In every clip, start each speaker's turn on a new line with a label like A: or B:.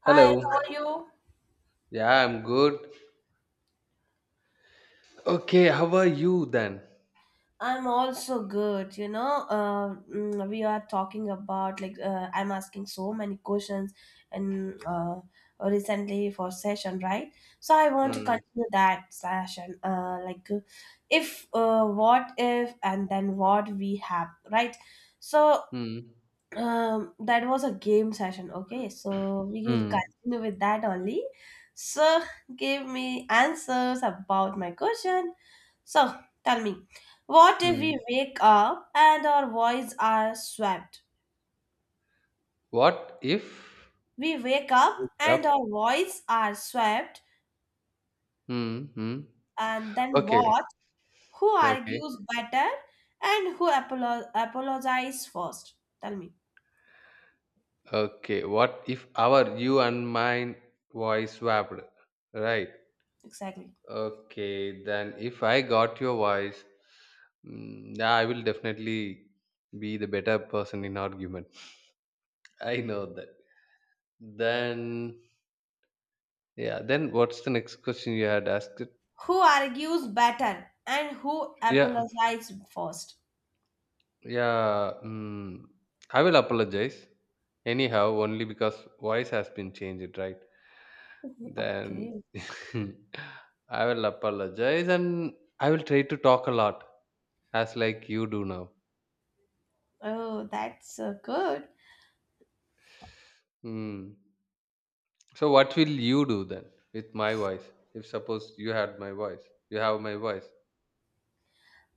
A: Hi,
B: Hello.
A: how are you?
B: Yeah, I'm good. Okay, how are you then?
A: I'm also good. You know, we are talking about like I'm asking so many questions and recently for session, right? So I want to
B: Hmm.
A: continue that session. Like, if what if and then what we have, right? So
B: Hmm.
A: that was a game session. Okay, so we will
B: Hmm.
A: continue with that only. So give me answers about my question. So tell me, what if we
B: Hmm.
A: wake up and our voice are swept?
B: What if
A: We wake
B: wake
A: up and
B: up?
A: our voice are swept,
B: Hmm. Hmm.
A: and then
B: Okay.
A: what? Who
B: Okay.
A: argues better and who apologizes first? Tell me
B: Okay. What if our you and mine voice swapped? Right.
A: exactly.
B: Okay. Then if I got your voice, yeah, I will definitely be the better person in argument. I know that. Then yeah. Then what's the next question you had asked?
A: Who argues better and who
B: Yeah.
A: apologizes first?
B: Yeah, I will apologize. Anyhow, only because voice has been changed, right? Then
A: Okay.
B: I will apologize and I will try to talk a lot, as like you do now.
A: Oh, that's so good.
B: Hmm. So what will you do then with my voice? If suppose you had my voice, you have my voice.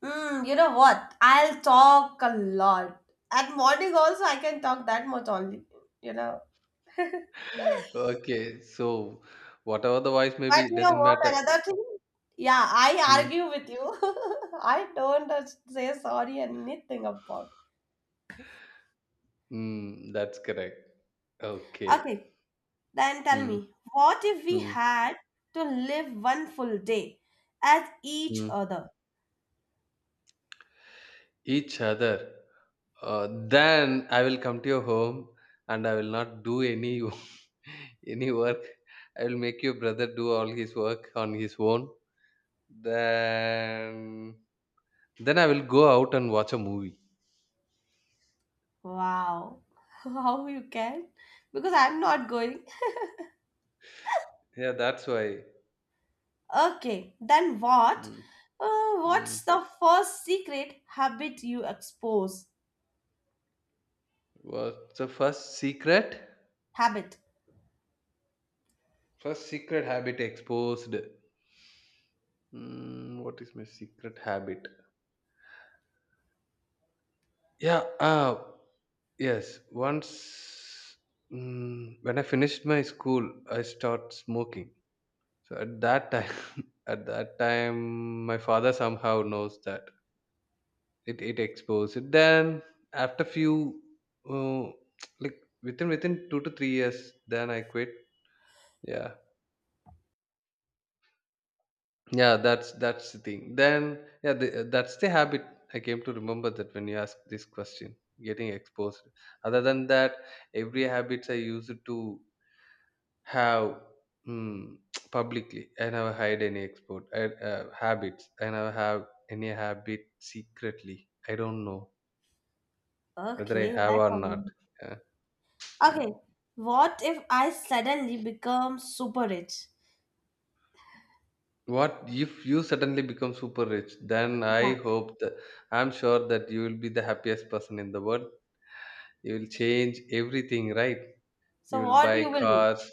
A: You know what? I'll talk a lot. At morning also, I can talk that much only, you know. But
B: Okay, so whatever the voice may
A: you
B: be, it
A: know
B: doesn't
A: what?
B: matter.
A: Another thing, yeah, I
B: Hmm.
A: argue with you. I don't say sorry anything about.
B: Hmm, that's correct. Okay.
A: Okay, then tell
B: Hmm.
A: me, what if we
B: Hmm.
A: had to live one full day as each
B: Hmm.
A: other?
B: Each other, then I will come to your home and I will not do any any work. I will make your brother do all his work on his own. then then I will go out and watch a movie.
A: Wow, how you can? Because I'm not going.
B: Yeah, that's why.
A: Okay, then what?
B: Mm. Mm.
A: What's the first secret habit you expose?
B: What's the first secret?
A: Habit.
B: First secret habit exposed. Mm, what is my secret habit? Yeah, yes, once, when I finished my school, I start smoking. So at that time, at that time, my father somehow knows that it exposed it. Then after few, uh, like within 2 to 3 years, then I quit. Yeah, yeah, that's the thing. Then yeah, that's the habit. I came to remember that when you ask this question, getting exposed. Other than that, every habits I used to have, mm, publicly. I never hide any export I, habits. I never have any habit secretly. I don't know whether I
A: Okay,
B: have
A: that's
B: or not.
A: one.
B: Yeah.
A: Okay,
B: Mm.
A: what if I suddenly become super rich?
B: What if you suddenly become super rich? Then
A: Yeah.
B: I hope that, I'm sure that you will be the happiest person in the world. You will change everything, right? You
A: So
B: will
A: what
B: buy
A: you will do?
B: cars.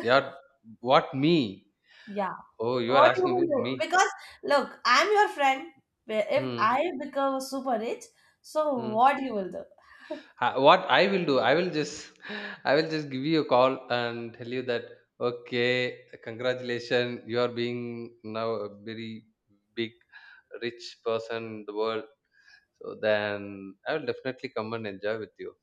B: Yeah, what me?
A: Yeah.
B: Oh, you are
A: What you
B: asking
A: will
B: about
A: do?
B: me.
A: Because look, I'm your friend. If
B: Hmm.
A: I become super rich, so
B: Hmm.
A: what you will do?
B: What I will do, I will just I will just give you a call and tell you that, okay, congratulations, you are being now a very big rich person in the world. So then I will definitely come and enjoy with you.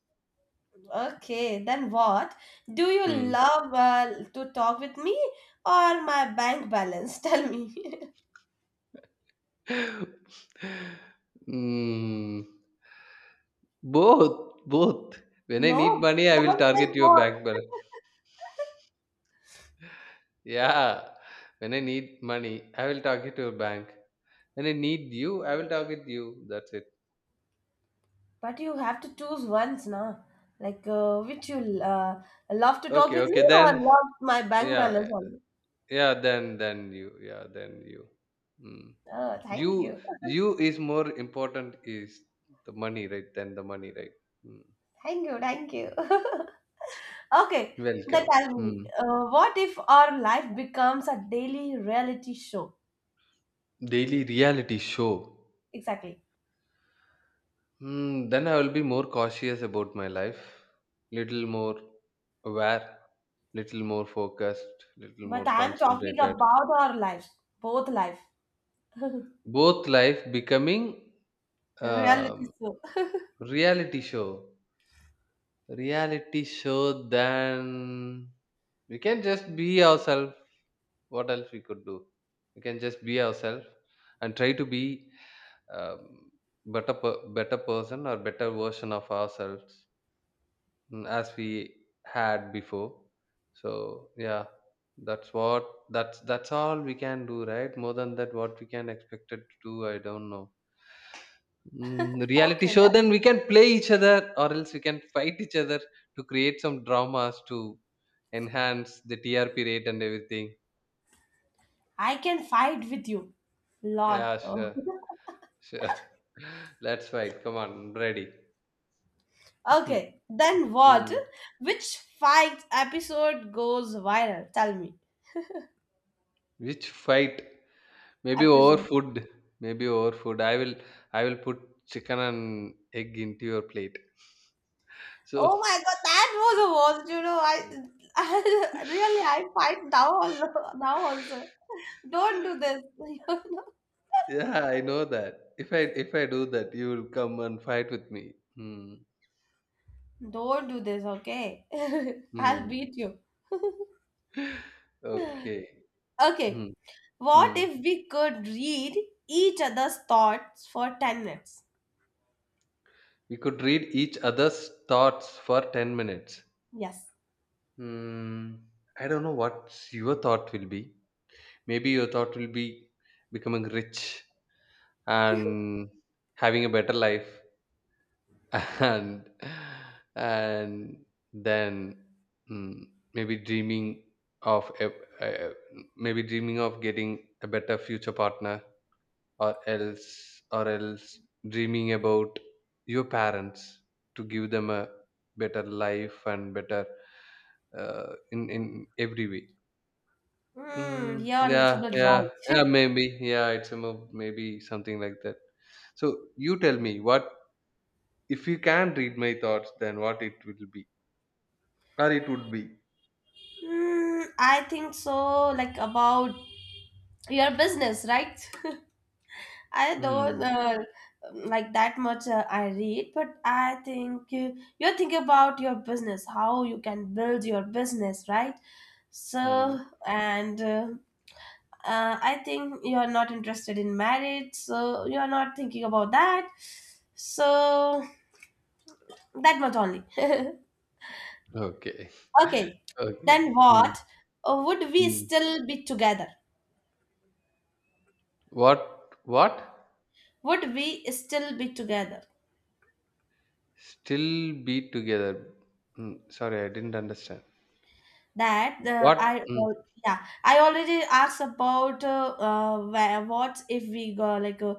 A: Okay, then what? Do you
B: Hmm.
A: love to talk with me or my bank balance? Tell me.
B: Hmm. Both, both, when I
A: No,
B: need money I will
A: don't say
B: target your
A: what.
B: bank. Yeah. When I need money, I will target your bank. When I need you, I will target you. That's it.
A: But you have to choose once, na? Like which you love to talk
B: Okay,
A: with me
B: okay.
A: or
B: Then,
A: love my bank
B: yeah,
A: balance only?
B: yeah. Then you, yeah. Then you. Mm.
A: Oh, thank
B: You,
A: you,
B: you is more important is the money, right? Than the money, right? Mm.
A: thank you, thank you. Okay, then
B: Welcome.
A: tell me,
B: Mm.
A: what if our life becomes a daily reality show?
B: Daily reality show.
A: Exactly.
B: Mm, then I will be more cautious about my life. Little more aware. Little more focused. Little
A: But
B: more
A: I am talking
B: concentrated.
A: about our lives, both life,
B: Both life becoming,
A: reality
B: um,
A: show.
B: reality show. Reality show, then we can just be ourselves. What else we could do? We can just be ourselves and try to be, um, better person or better version of ourselves, as we had before. So yeah, that's what, that's all we can do, right? More than that, what we can expect it to do, I don't know. Mm, reality
A: Okay,
B: show,
A: then
B: then we can play each other, or else we can fight each other to create some dramas to enhance the TRP rate and everything.
A: I can fight with you, lot.
B: Yeah, sure, sure. Let's fight. Come on, I'm ready.
A: Okay, then what?
B: Mm.
A: Which fight episode goes viral? Tell me.
B: Which fight? Maybe over
A: Episode.
B: food. Maybe over food. I will. I will put chicken and egg into your plate. So,
A: Oh my god, that was the worst. You know, I, I really I fight now also. Now also, don't do this. You know?
B: yeah, I know that. If I, if I do that, you will come and fight with me. Hmm.
A: Don't do this. Okay, I'll
B: Hmm.
A: beat you.
B: Okay.
A: Okay,
B: Hmm.
A: what
B: Hmm.
A: if we could read each other's thoughts for 10 minutes?
B: We could read each other's thoughts for 10 minutes.
A: Yes.
B: Hmm. I don't know what your thought will be. Maybe your thought will be becoming rich and having a better life, and and then, mm, maybe dreaming of a, maybe dreaming of getting a better future partner, or else dreaming about your parents to give them a better life and better, in every way.
A: Hmm.
B: mm,
A: You're a
B: yeah
A: little bit
B: yeah,
A: right.
B: yeah, maybe, yeah, maybe something like that. So you tell me what if you can read my thoughts, then what it will be or it would be.
A: Hmm, I think so. Like about your business, right? I don't
B: mm,
A: like that much. I read, but I think you're thinking about your business, how you can build your business, right? So,
B: mm,
A: and I think you're not interested in marriage, so you're not thinking about that. So that much only.
B: okay.
A: Okay,
B: Okay.
A: then
B: mm,
A: what? Would we
B: mm.
A: still be together?
B: What? What?
A: Would we still be together?
B: Still be together. Mm, sorry, I didn't understand.
A: That,
B: What?
A: I
B: Mm,
A: yeah, I already asked about where, what if we go, like uh,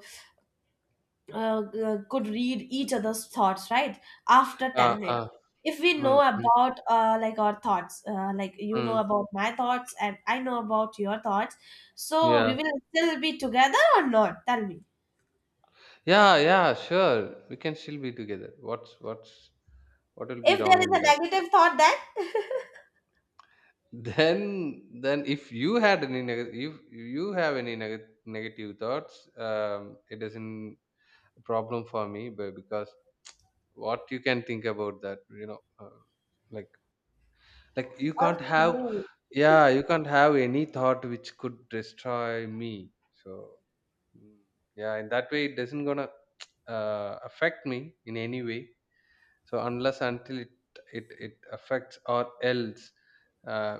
A: uh, uh, could read each other's thoughts right after
B: ah,
A: 10 minutes,
B: ah,
A: if we know
B: mm, mm,
A: about like our thoughts, like you know
B: mm.
A: about my thoughts, and I know about your thoughts, so we
B: Yeah,
A: will still be together or not? Tell me.
B: yeah, yeah. Sure, we can still be together. What's what will be
A: If there
B: wrong
A: is
B: in that?
A: a negative thought, then
B: Then if you had any negative, if you have any negative thoughts, it isn't a problem for me. But because what you can think about that, you know, like Like you can't have,
A: Okay.
B: yeah, you can't have any thought which could destroy me. So, mm, yeah, in that way it doesn't gonna affect me in any way. So unless until it affects or else, uh,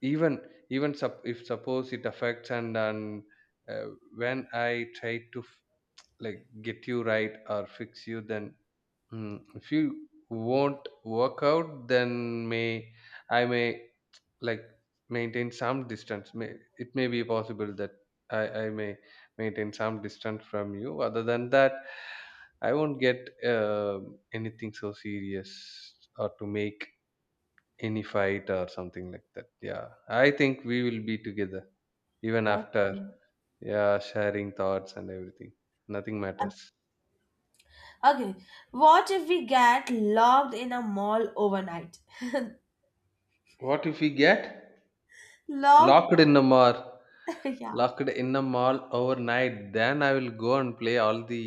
B: even, even if suppose it affects and, uh, when I try to like get you right or fix you, then, if you won't work out, then may, I may, like, maintain some distance. May, it may be possible that I may maintain some distance from you. Other than that, I won't get, anything so serious or to make any fight or something like that. Yeah, I think we will be together even
A: Okay.
B: after, yeah, sharing thoughts and everything. Nothing matters.
A: Okay. What if we get locked in a mall overnight?
B: What if we get
A: Locked.
B: locked in a mall,
A: Yeah,
B: locked in a mall overnight? Then I will go and play all the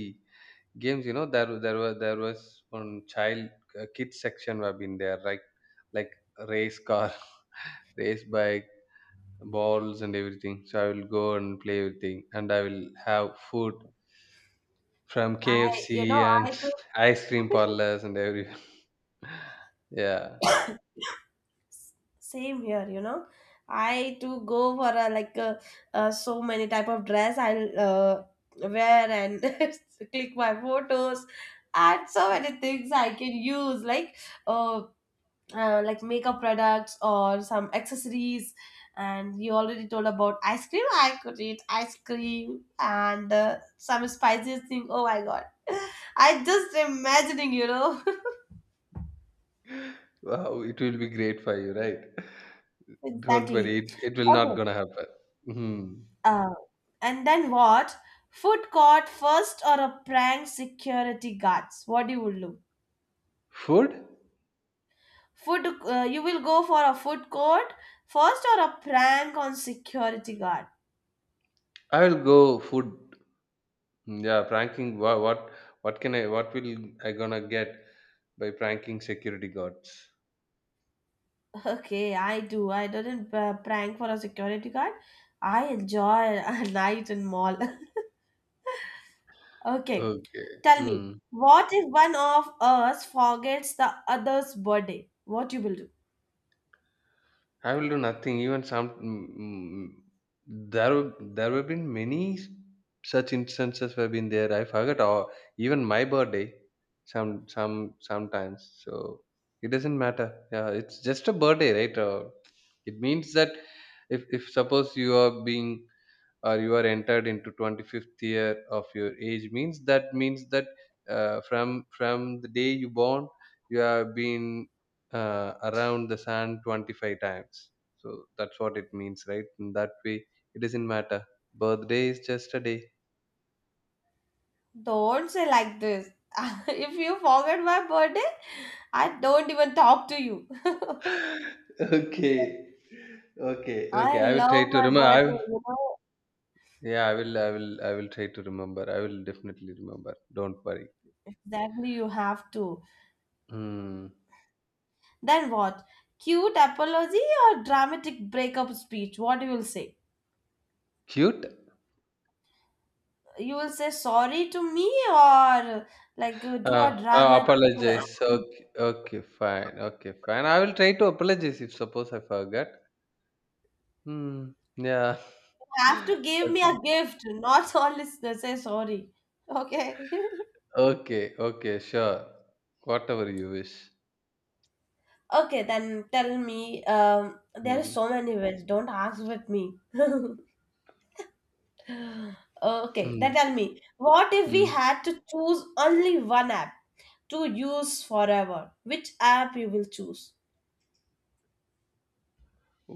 B: games. You know, there was one child, kids section have been there, like race car, race bike, balls and everything. So I will go and play everything and I will have food from
A: I you
B: KFC
A: know I
B: and
A: think.
B: ice cream parlors and everywhere. Yeah,
A: Same here, I too go for a like a so many type of dress. I'll wear and click my photos, add so many things I can use like uh, makeup products or some accessories, and you already told about ice cream, I could eat ice cream and some spices thing, oh my god. I just imagining.
B: wow, it will be great for you, right? Don't worry,
A: Exactly.
B: it will not
A: Okay.
B: gonna happen. Hmm.
A: Uh, and then what? Food court first or a prank security guards? What you will do?
B: Food.
A: Food. You will go for a food court first or a prank on security guard?
B: I will go food. Mm, yeah, pranking. What can I? What will I gonna get by pranking security guards?
A: Okay, I do. I didn't prank for a security guard. I enjoy a night in mall. Okay,
B: Okay.
A: tell me,
B: Mm.
A: what if one of us forgets the other's birthday? What you will do?
B: I will do nothing. Even some. There have been many such instances have been there. I forgot. Or even my birthday. Sometimes. So it doesn't matter. Yeah, it's just a birthday, right? It means that if suppose you are being or you are entered into 25th year of your age means that means that, from the day you born you have been, around the sun 25 times. So that's what it means, right? In that way it doesn't matter. Birthday is just a day.
A: Don't say like this. If you forget my birthday, I don't even talk to you.
B: okay okay, okay,
A: I
B: I will try
A: love
B: to
A: my
B: remember.
A: birthday, you know.
B: Yeah, I will I will try to remember. I will definitely remember, don't worry.
A: Exactly, you have to.
B: Hmm.
A: Then what? Cute apology or dramatic breakup speech? What you will say?
B: Cute.
A: You will say sorry to me or like do a dramatic.
B: Apologize.
A: You
B: Okay, okay, fine. Okay, fine. I will try to apologize if suppose I forgot. Hmm. Yeah.
A: have to give me
B: I'll,
A: a gift, not only say sorry. Okay.
B: okay. Okay. Sure. Whatever you wish.
A: Okay, then tell me. There are
B: Hmm.
A: so many ways. Don't ask with me. Okay,
B: Hmm.
A: then tell me. What if we
B: Hmm.
A: had to choose only one app to use forever? Which app you will choose?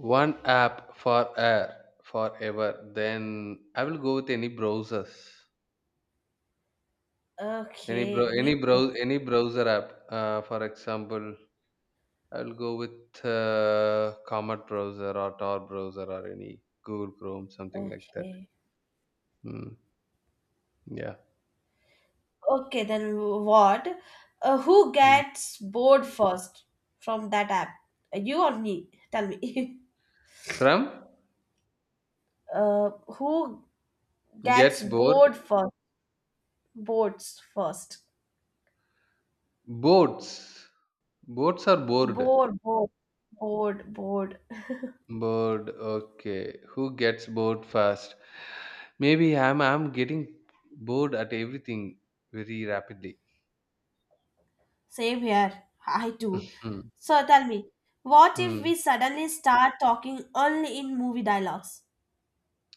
B: One app for air forever. Then I will go with any browsers. Any bro.
A: Okay, me
B: Any
A: too.
B: brow. Any browser app. For example, I will go with Comet browser or Tor browser or any Google Chrome, something like that.
A: Okay.
B: Mm. Yeah.
A: Okay, then what? Who
B: Mm.
A: gets bored first from that app? You or me? Tell me.
B: From,
A: Who gets
B: gets bored.
A: bored first? Boards first.
B: Boats. Boats are bored.
A: Bored, bored, bored, bored.
B: Bored. Okay. Who gets bored fast? Maybe I'm getting bored at everything very rapidly.
A: Same here. I too.
B: Hmm.
A: So tell me, what if
B: Hmm.
A: we suddenly start talking only in movie dialogues?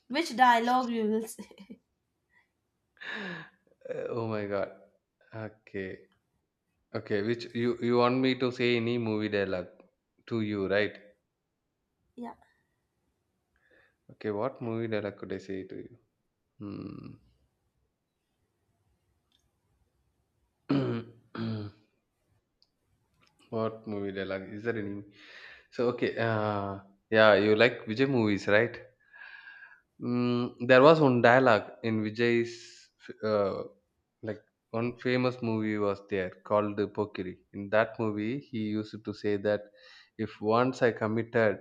A: Which dialogue you will say?
B: Oh my god. Okay. Okay. Which, you want me to say any movie dialogue to you, right?
A: Yeah.
B: Okay. What movie dialogue could I say to you? Hmm. What movie dialogue? Is there any? So okay, yeah, you like Vijay movies, right? Mm, there was one dialogue in Vijay's, uh, like, one famous movie was there called the Pokiri. In that movie, he used to say that if once I committed,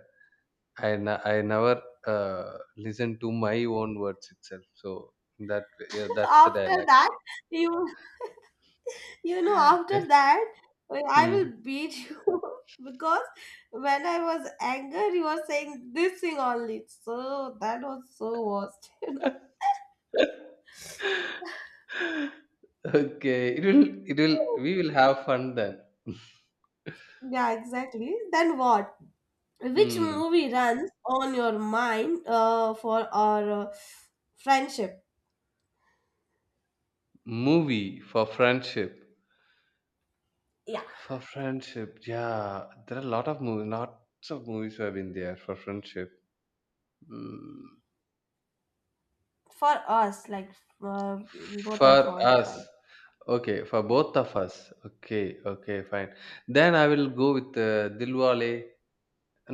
B: I n- I never listen to my own words itself. So that, yeah, that's the
A: After that, you after
B: dialogue.
A: that, I will beat you because when I was angry, you were saying this thing only. So that was so worst.
B: Okay, it will, we will have fun then.
A: Yeah, exactly. Then what? Which
B: Hmm.
A: movie runs on your mind for our friendship?
B: Movie for friendship.
A: Yeah,
B: For friendship, yeah. There are a lot of movies, lots of movies have been there for friendship. Mm.
A: for us, like both
B: For
A: of us.
B: us.
A: Right?
B: Okay, for
A: Yeah,
B: both of us. Okay, okay, fine. Then I will go with Dilwale.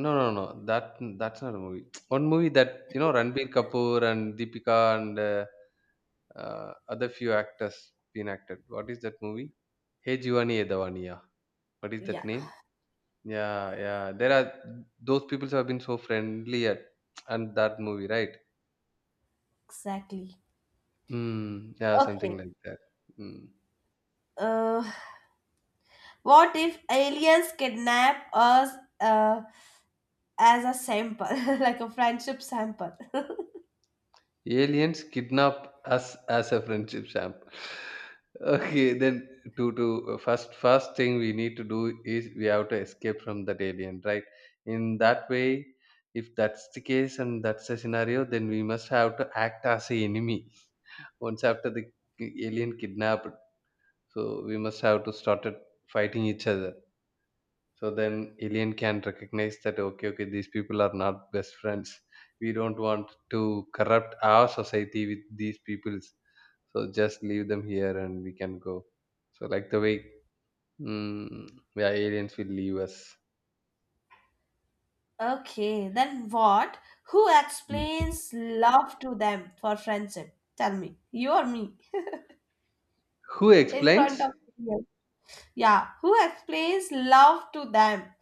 B: No, no, no. That's not a movie. One movie that you know, Ranbir Kapoor and Deepika and other few actors been acted. What is that movie? Hey Jivani Edavaniya. What is that
A: yeah.
B: name? Yeah, yeah. There are, those people have been so friendly at and that movie, right?
A: Exactly.
B: Mm, yeah, something
A: Okay.
B: like that. Mm.
A: Uh, what if aliens kidnap us uh, as a sample, like a friendship sample?
B: Aliens kidnap us as a friendship sample. Okay, then to first thing we need to do is we have to escape from that alien, right? In that way, if that's the case and that's the scenario, then we must have to act as a enemy. Once after the alien kidnapped, so we must have to started fighting each other so then alien can recognize that okay these people are not best friends we don't want to corrupt our society with these peoples so just leave them here and we can go so like the way mm, yeah aliens will leave us.
A: Okay, then what? Who
B: Mm.
A: explains love to them for friendship? Tell me. You or me?
B: Who
A: In front
B: explains?
A: of Yeah, who explains love to them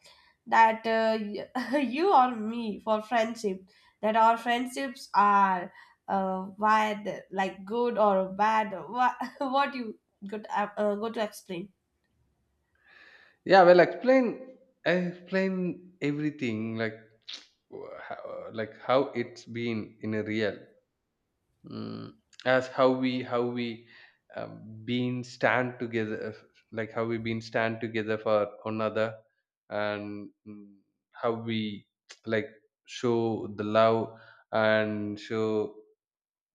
A: that you or me for friendship, that our friendships are why the like good or bad, what, what you could go to explain.
B: Yeah, well, explain everything, like like how it's been in a real, mm, as how we been stand together, like how we been stand together for one another, and, how we, like, show the love and show,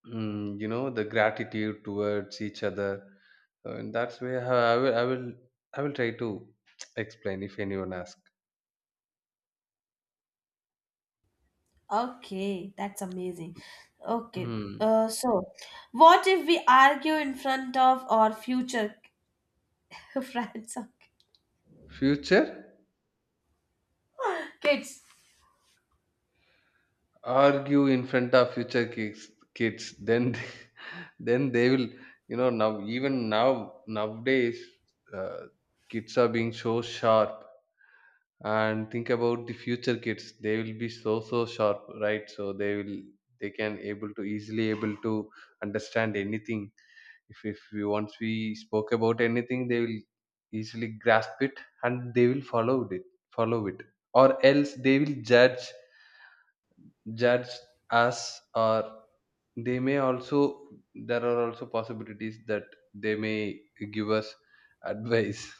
B: you know, the gratitude towards each other. So in that's way how I will try to explain if anyone asks.
A: Okay, that's amazing. Okay,
B: Hmm.
A: so what if we argue in front of our future friends, okay,
B: Future.
A: kids?
B: Argue in front of future kids then then they will, you know, now even now nowadays, uh, kids are being so sharp. And think about the future kids, they will be so sharp, right? So they will, they can able to easily able to understand anything. If we, once we spoke about anything, they will easily grasp it and they will follow it or else they will judge us. Or they may also, there are also possibilities that they may give us advice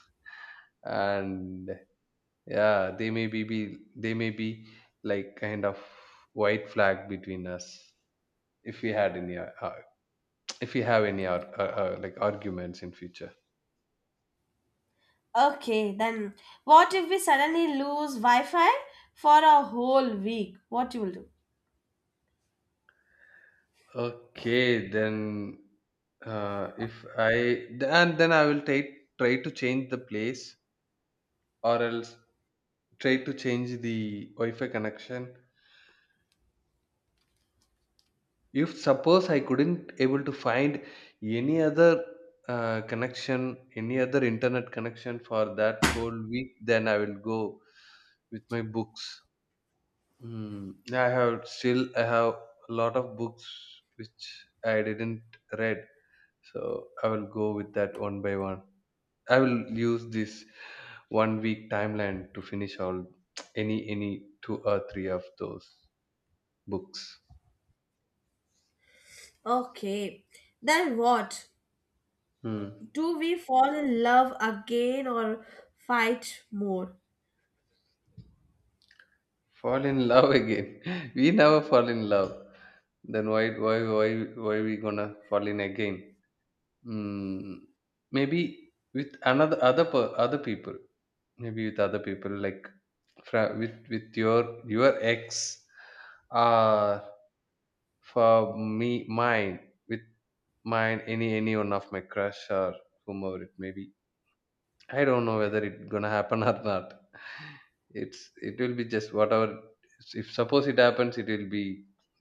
B: and yeah they may be, they may be like kind of white flag between us if we had any if we have any like arguments in future.
A: Okay, then what if we suddenly lose Wi-Fi for a whole week? What you will do?
B: Okay then, if I and then I will try, try to change the place or else try to change the Wi-Fi connection. If suppose I couldn't able to find any other connection, any other internet connection for that whole week, then I will go with my books. Mm, I have, still I have a lot of books which I didn't read, so I will go with that one by one. I will use this one week timeline to finish all any two or three of those books.
A: Okay, then what?
B: Hmm.
A: Do we fall in love again or fight more?
B: Fall in love again. We never fall in love, then why we gonna fall in again. mm, Maybe with other people, maybe with other people, like, with your ex. Or for me, mine, with mine, any one of my crush, or whomever it may be. I don't know whether it gonna happen or not. It will be just whatever. If suppose it happens, it will be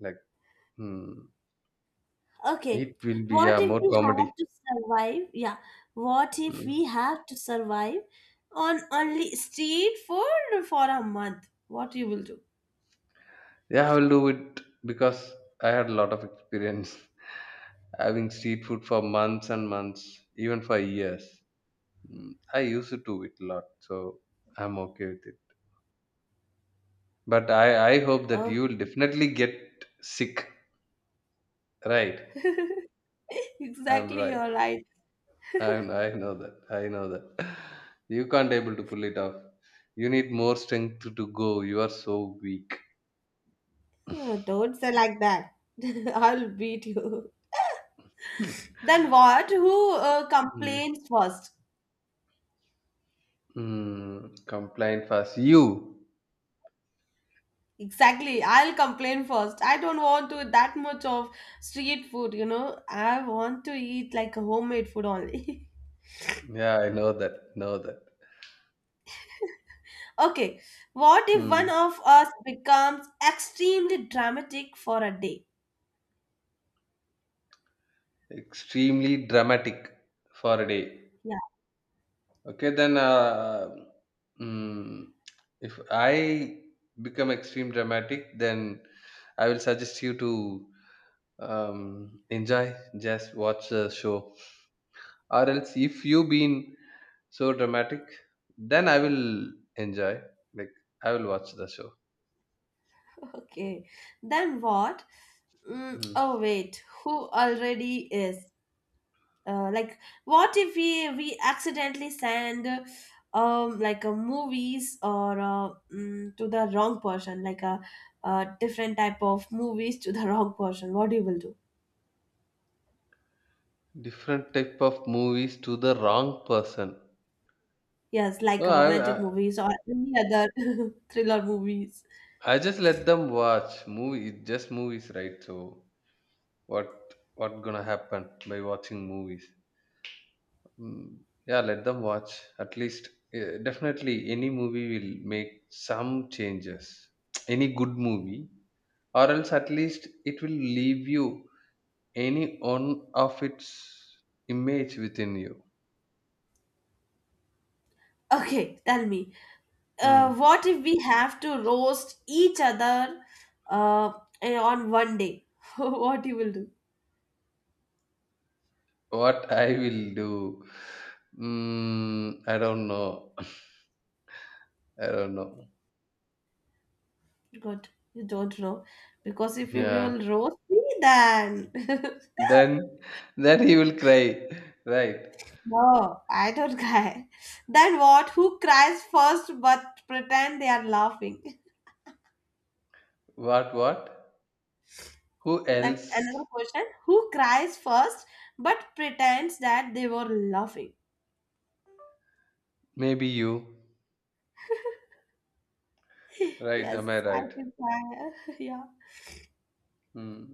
B: like, hmm,
A: Okay,
B: it will be,
A: what
B: yeah,
A: if
B: more
A: we
B: comedy.
A: had to survive? Yeah, what if
B: Mm.
A: we have to survive on only street food for a month? What you will do?
B: Yeah, I will do it because I had a lot of experience having street food for months and months, even for years. Mm, I used to do it a lot, so I'm okay with it. But I hope that you will
A: Okay,
B: definitely get sick, right? I'm
A: exactly,
B: right.
A: you're right.
B: I know that. I know that. You can't able to pull it off. You need more strength to go. You are so weak.
A: Oh, don't say like that. I'll beat you. Then what? Who
B: Mm.
A: complains first?
B: Mm. Complain fast. You.
A: Exactly. I'll complain first. I don't want to eat that much of street food. I want to eat like a homemade food only.
B: Yeah, I know that. Know that.
A: Okay. What if one
B: Mm.
A: of us becomes extremely dramatic for a day?
B: Extremely dramatic for a day.
A: Yeah.
B: Okay, then. Mm, if I become extreme dramatic, then I will suggest you to, enjoy. Just watch the show. Or else, if you been so dramatic, then I will enjoy, like, I will watch the show.
A: Okay. Then what?
B: Hmm.
A: Oh, wait. Who already is? Like what if we accidentally send like a movies or to the wrong person, like a different type of movies to the wrong person, what you will do?
B: Different type of movies to the wrong person.
A: Yes,
B: So
A: like romantic
B: I
A: movies or any other thriller movies.
B: I just let them watch movie, it's just movies, right? So what what gonna happen by watching movies? Mm, yeah, let them watch. At least eh, definitely any movie will make some changes, any good movie, or else at least it will leave you any one of its image within you.
A: Okay, tell me,
B: Hmm.
A: what if we have to roast each other uh, on one day, what you will do?
B: What I will do? Mm, I don't know. I don't know.
A: God, you don't know, because if you
B: Yeah.
A: will roast me, then
B: Then, then he will cry. Right.
A: No, I don't cry. Then what? Who cries first but pretend they are laughing?
B: What? What? Who
A: That
B: else?
A: another question. Who cries first but pretends that they were laughing?
B: Maybe you. Right.
A: Yes,
B: Am I
A: I
B: right?
A: can cry. Yeah.
B: Hmm.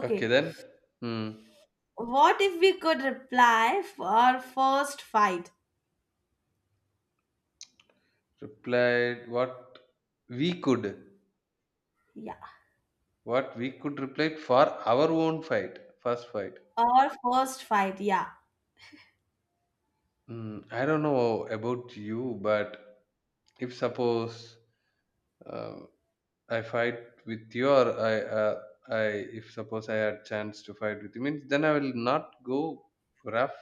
B: Okay then. Hmm.
A: What if we could reply for first fight?
B: Replied what we could.
A: Yeah.
B: What we could reply for our own fight. First fight.
A: Or first fight, yeah.
B: Mm, I don't know about you, but if suppose, um, I fight with you, or I, uh, I, if suppose I had chance to fight with you, means then I will not go rough.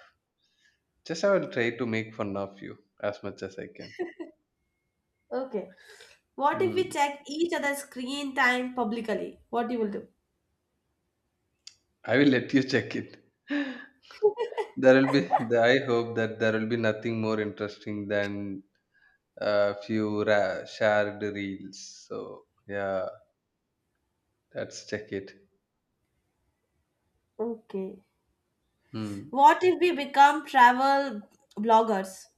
B: Just I will try to make fun of you as much as I can.
A: Okay. What if we
B: Mm,
A: check each other's screen time publicly? What you will do?
B: I will let you check it. There will be. I hope that there will be nothing more interesting than a few shared reels. So yeah, let's check it.
A: Okay.
B: Hmm.
A: What if we become travel bloggers?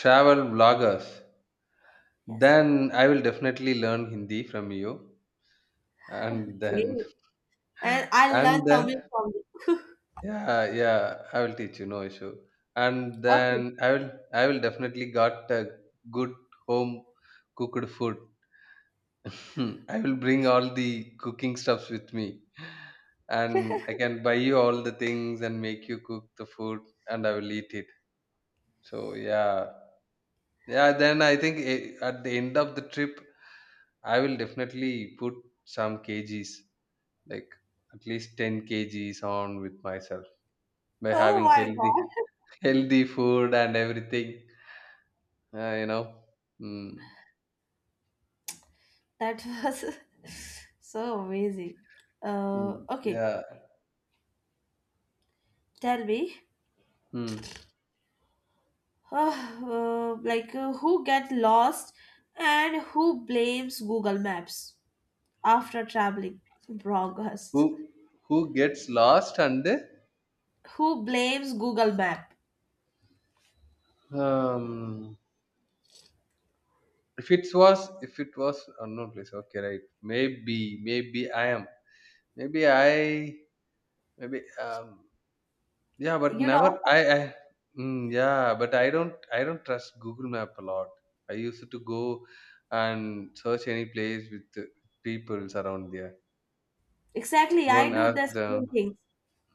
B: Travel vloggers.
A: Yes.
B: Then I will definitely learn Hindi from you, and then
A: Okay. And I'll
B: and
A: learn Tamil
B: then,
A: from you.
B: yeah, yeah, I will teach you, no issue, and
A: Okay.
B: then I will definitely got a good home cooked food. Hmm, I will bring all the cooking stuffs with me, and I can buy you all the things and make you cook the food, and I will eat it. So yeah, yeah. Then I think eh, at the end of the trip, I will definitely put some kgs, like, at least 10 kgs on with myself by
A: Oh
B: having
A: my
B: healthy
A: God.
B: healthy food and everything, you know. mm,
A: That was so amazing. Uh,
B: mm,
A: okay.
B: yeah.
A: Tell me.
B: Mm.
A: Like, who get lost and who blames Google Maps after traveling
B: who
A: bloggers?
B: who gets lost, and
A: Who blames Google Map?
B: um if it was, if it was unknown place, okay, right? maybe maybe I am maybe I maybe Yeah, but
A: You know,
B: never I, yeah, but I don't trust Google Map a lot. I used to go and search any place with, peoples around there.
A: exactly.
B: Go
A: I
B: and
A: do
B: ask
A: the same
B: them.
A: thing.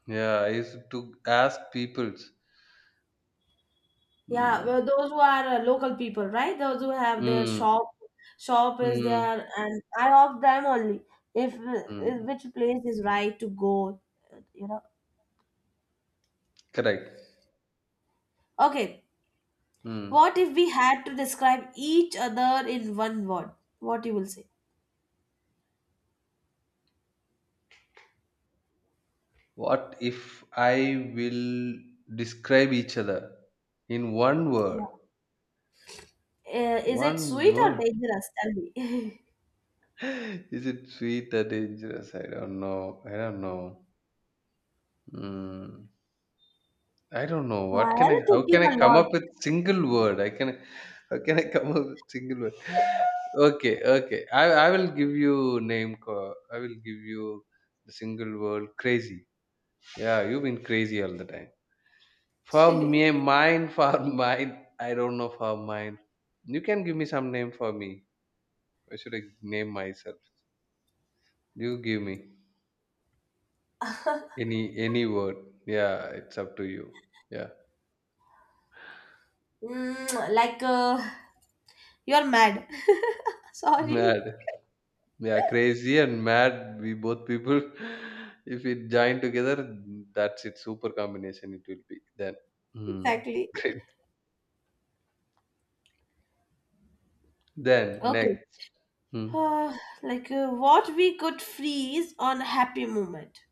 B: Yeah, I used to ask peoples.
A: Yeah,
B: Mm,
A: well, those who are local people, right? Those who have their
B: mm,
A: shop is
B: mm,
A: there, and I ask them only if, if
B: mm.
A: which place is right to go, you know.
B: Correct.
A: Okay,
B: Mm.
A: what if we had to describe each other in one word? What you will say?
B: What if I will describe each other in one
A: Yeah,
B: word?
A: is it
B: One
A: sweet or
B: word.
A: dangerous? Tell me.
B: Is it sweet or dangerous? I don't know. I don't know. Mm. I don't know.
A: Why
B: What
A: are
B: can I,
A: you
B: how
A: thinking
B: can I
A: a
B: come up
A: lot?
B: with single word? I can, how can I come up with single word? Okay, okay. I will give you name I will give you the single word crazy. Yeah, you've been crazy all the time. For me mine, for mine. I don't know for mine. You can give me some name for me. Why should I name myself? You give me any word. Yeah, it's up to you. Yeah.
A: Like you're mad. Sorry.
B: Mad. Yeah, crazy and mad. We both people, if it join together, that's it. Super combination it will be then. Hmm.
A: Exactly.
B: Great. Then
A: Okay.
B: next, hmm.
A: Uh, like what we could freeze on happy moment.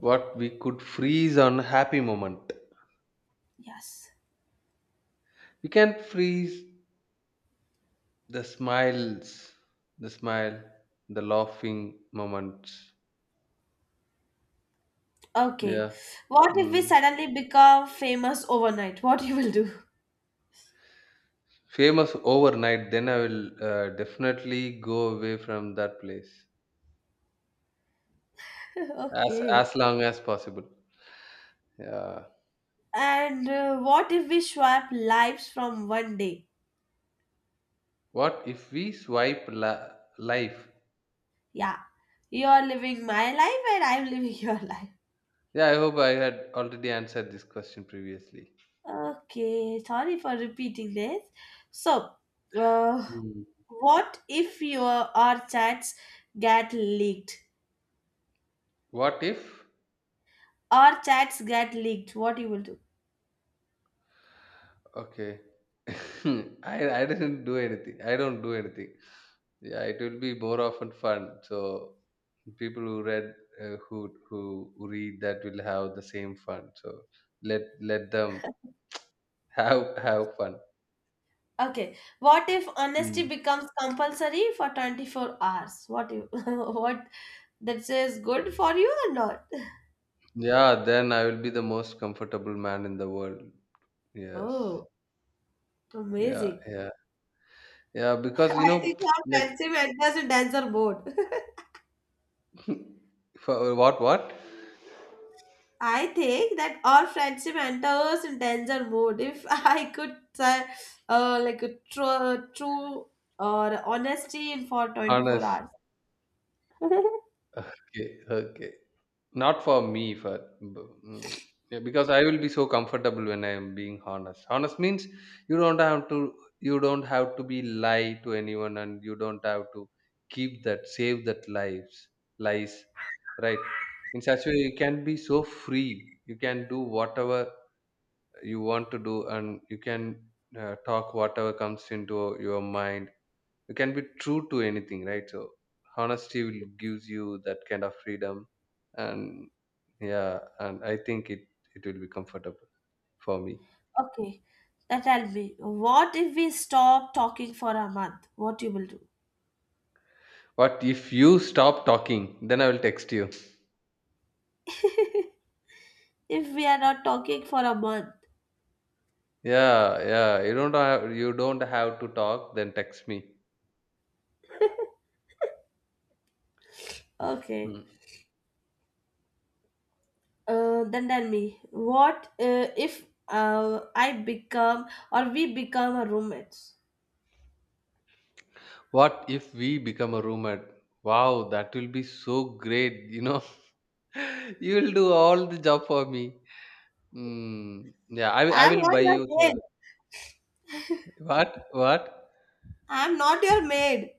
B: What we could freeze on happy moment.
A: Yes.
B: We can freeze the smiles, the smile, the laughing moments.
A: Okay.
B: Yeah.
A: What if we
B: Mm.
A: suddenly become famous overnight? What you will do?
B: Famous overnight. Then I will, definitely go away from that place
A: Okay.
B: as long as possible. Yeah.
A: And what if we swap lives from one day?
B: What if we swipe life?
A: Yeah. You are living my life and I'm living your life.
B: Yeah, I hope I had already answered this question previously.
A: Okay. Sorry for repeating this. So, uh,
B: Mm.
A: what if your our chats get leaked?
B: What if?
A: Our chats get leaked. What you will do?
B: Okay. I, I didn't do anything. I don't do anything. Yeah, it will be more often fun. So people who read, who read that will have the same fun. So let them have fun.
A: Okay. What if honesty
B: Mm.
A: becomes compulsory for 24 hours? What you what that says, good for you or not?
B: Yeah, then I will be the most comfortable man in the world. Yes.
A: Oh,
B: Yeah,
A: amazing.
B: yeah. Yeah, because you
A: I
B: know,
A: think
B: like.
A: our friendship enters in danger mode.
B: For what?
A: I think that our friendship enters in danger mode. If I could like a true or honesty in for 24
B: Honest.
A: hours.
B: Okay, okay. Not for me, for, mm, yeah, because I will be so comfortable when I am being honest. Honest means you don't have to you don't have to be lie to anyone and you don't have to keep that save that lives, lies, right? In such a way you can be so free, you can do whatever you want to do, and you can, talk whatever comes into your mind. You can be true to anything, right? So honesty will gives you that kind of freedom. And yeah, and I think it will be comfortable for me.
A: Okay. Now tell me. What if we stop talking for a month? What you will do?
B: But if you stop talking, then I will text you.
A: If we are not talking for a month,
B: Yeah, yeah, you don't have to talk, then text me.
A: okay.
B: Hmm.
A: Then tell me, what if I become or we become a roommates?
B: What if we become a roommate? Wow, that will be so great, you know. You will do all the job for me. Mm, yeah, I
A: I'm
B: will
A: not
B: buy
A: your
B: you.
A: maid.
B: Sir. What? What?
A: I'm not your maid.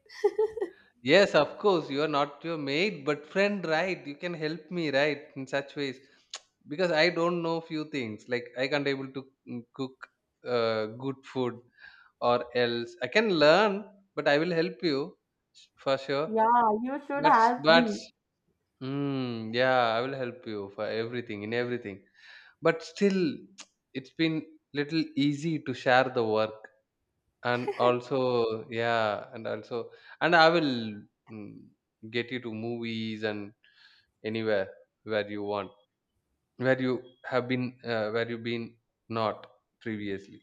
B: Yes, of course, you are not your mate, but friend, right? You can help me, right? In such ways, because I don't know few things. Like I can't able to, cook, good food, or else I can learn, but I will help you for sure.
A: Yeah, you should
B: But
A: help
B: but
A: me.
B: yeah, I will help you for everything in everything. But still, it's been little easy to share the work. And also, yeah, and also, and I will, mm, get you to movies and anywhere where you want, where you have been, where you've been not previously.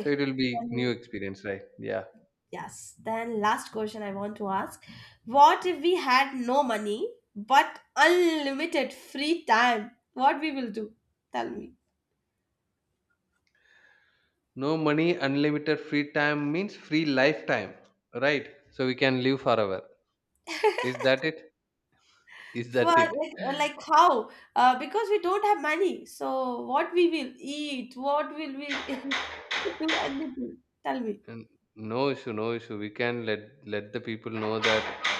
B: So it will be
A: Then,
B: new experience, right? Yeah.
A: yes. Then last question I want to ask. What if we had no money but unlimited free time? What we will do? Tell me.
B: No money, unlimited free time means free lifetime, right? So we can live forever. Is that it? Is
A: For
B: that
A: like,
B: it?
A: like how? Because we don't have money. So what we will eat? What will we do? Anything? Tell me.
B: And no issue, no issue. We can let, let the people know that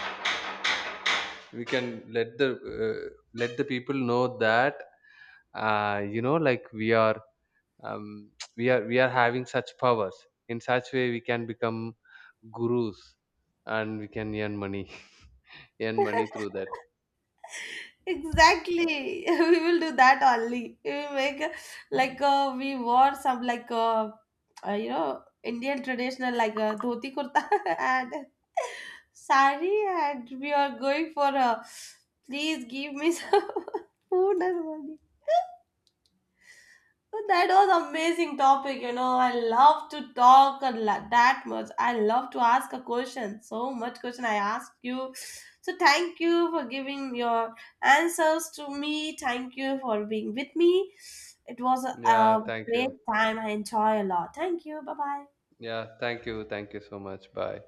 B: we can let the, uh, let the people know that, you know, like we are, um, we are having such powers. In such way we can become gurus and we can earn money, earn money through that.
A: Exactly. We will do that only. We will like we wore some, like Indian traditional, like dhoti kurta, and sari, and we are going for a. Please give me some food and money. So, that was amazing topic. I love to talk a lot, that much. I love to ask a question. So much question I asked you. So thank you for giving your answers to me. Thank you for being with me. It was a,
B: Yeah,
A: a
B: thank you.
A: great time. I enjoy a lot. Thank you. Bye bye.
B: Yeah, thank you so much. Bye.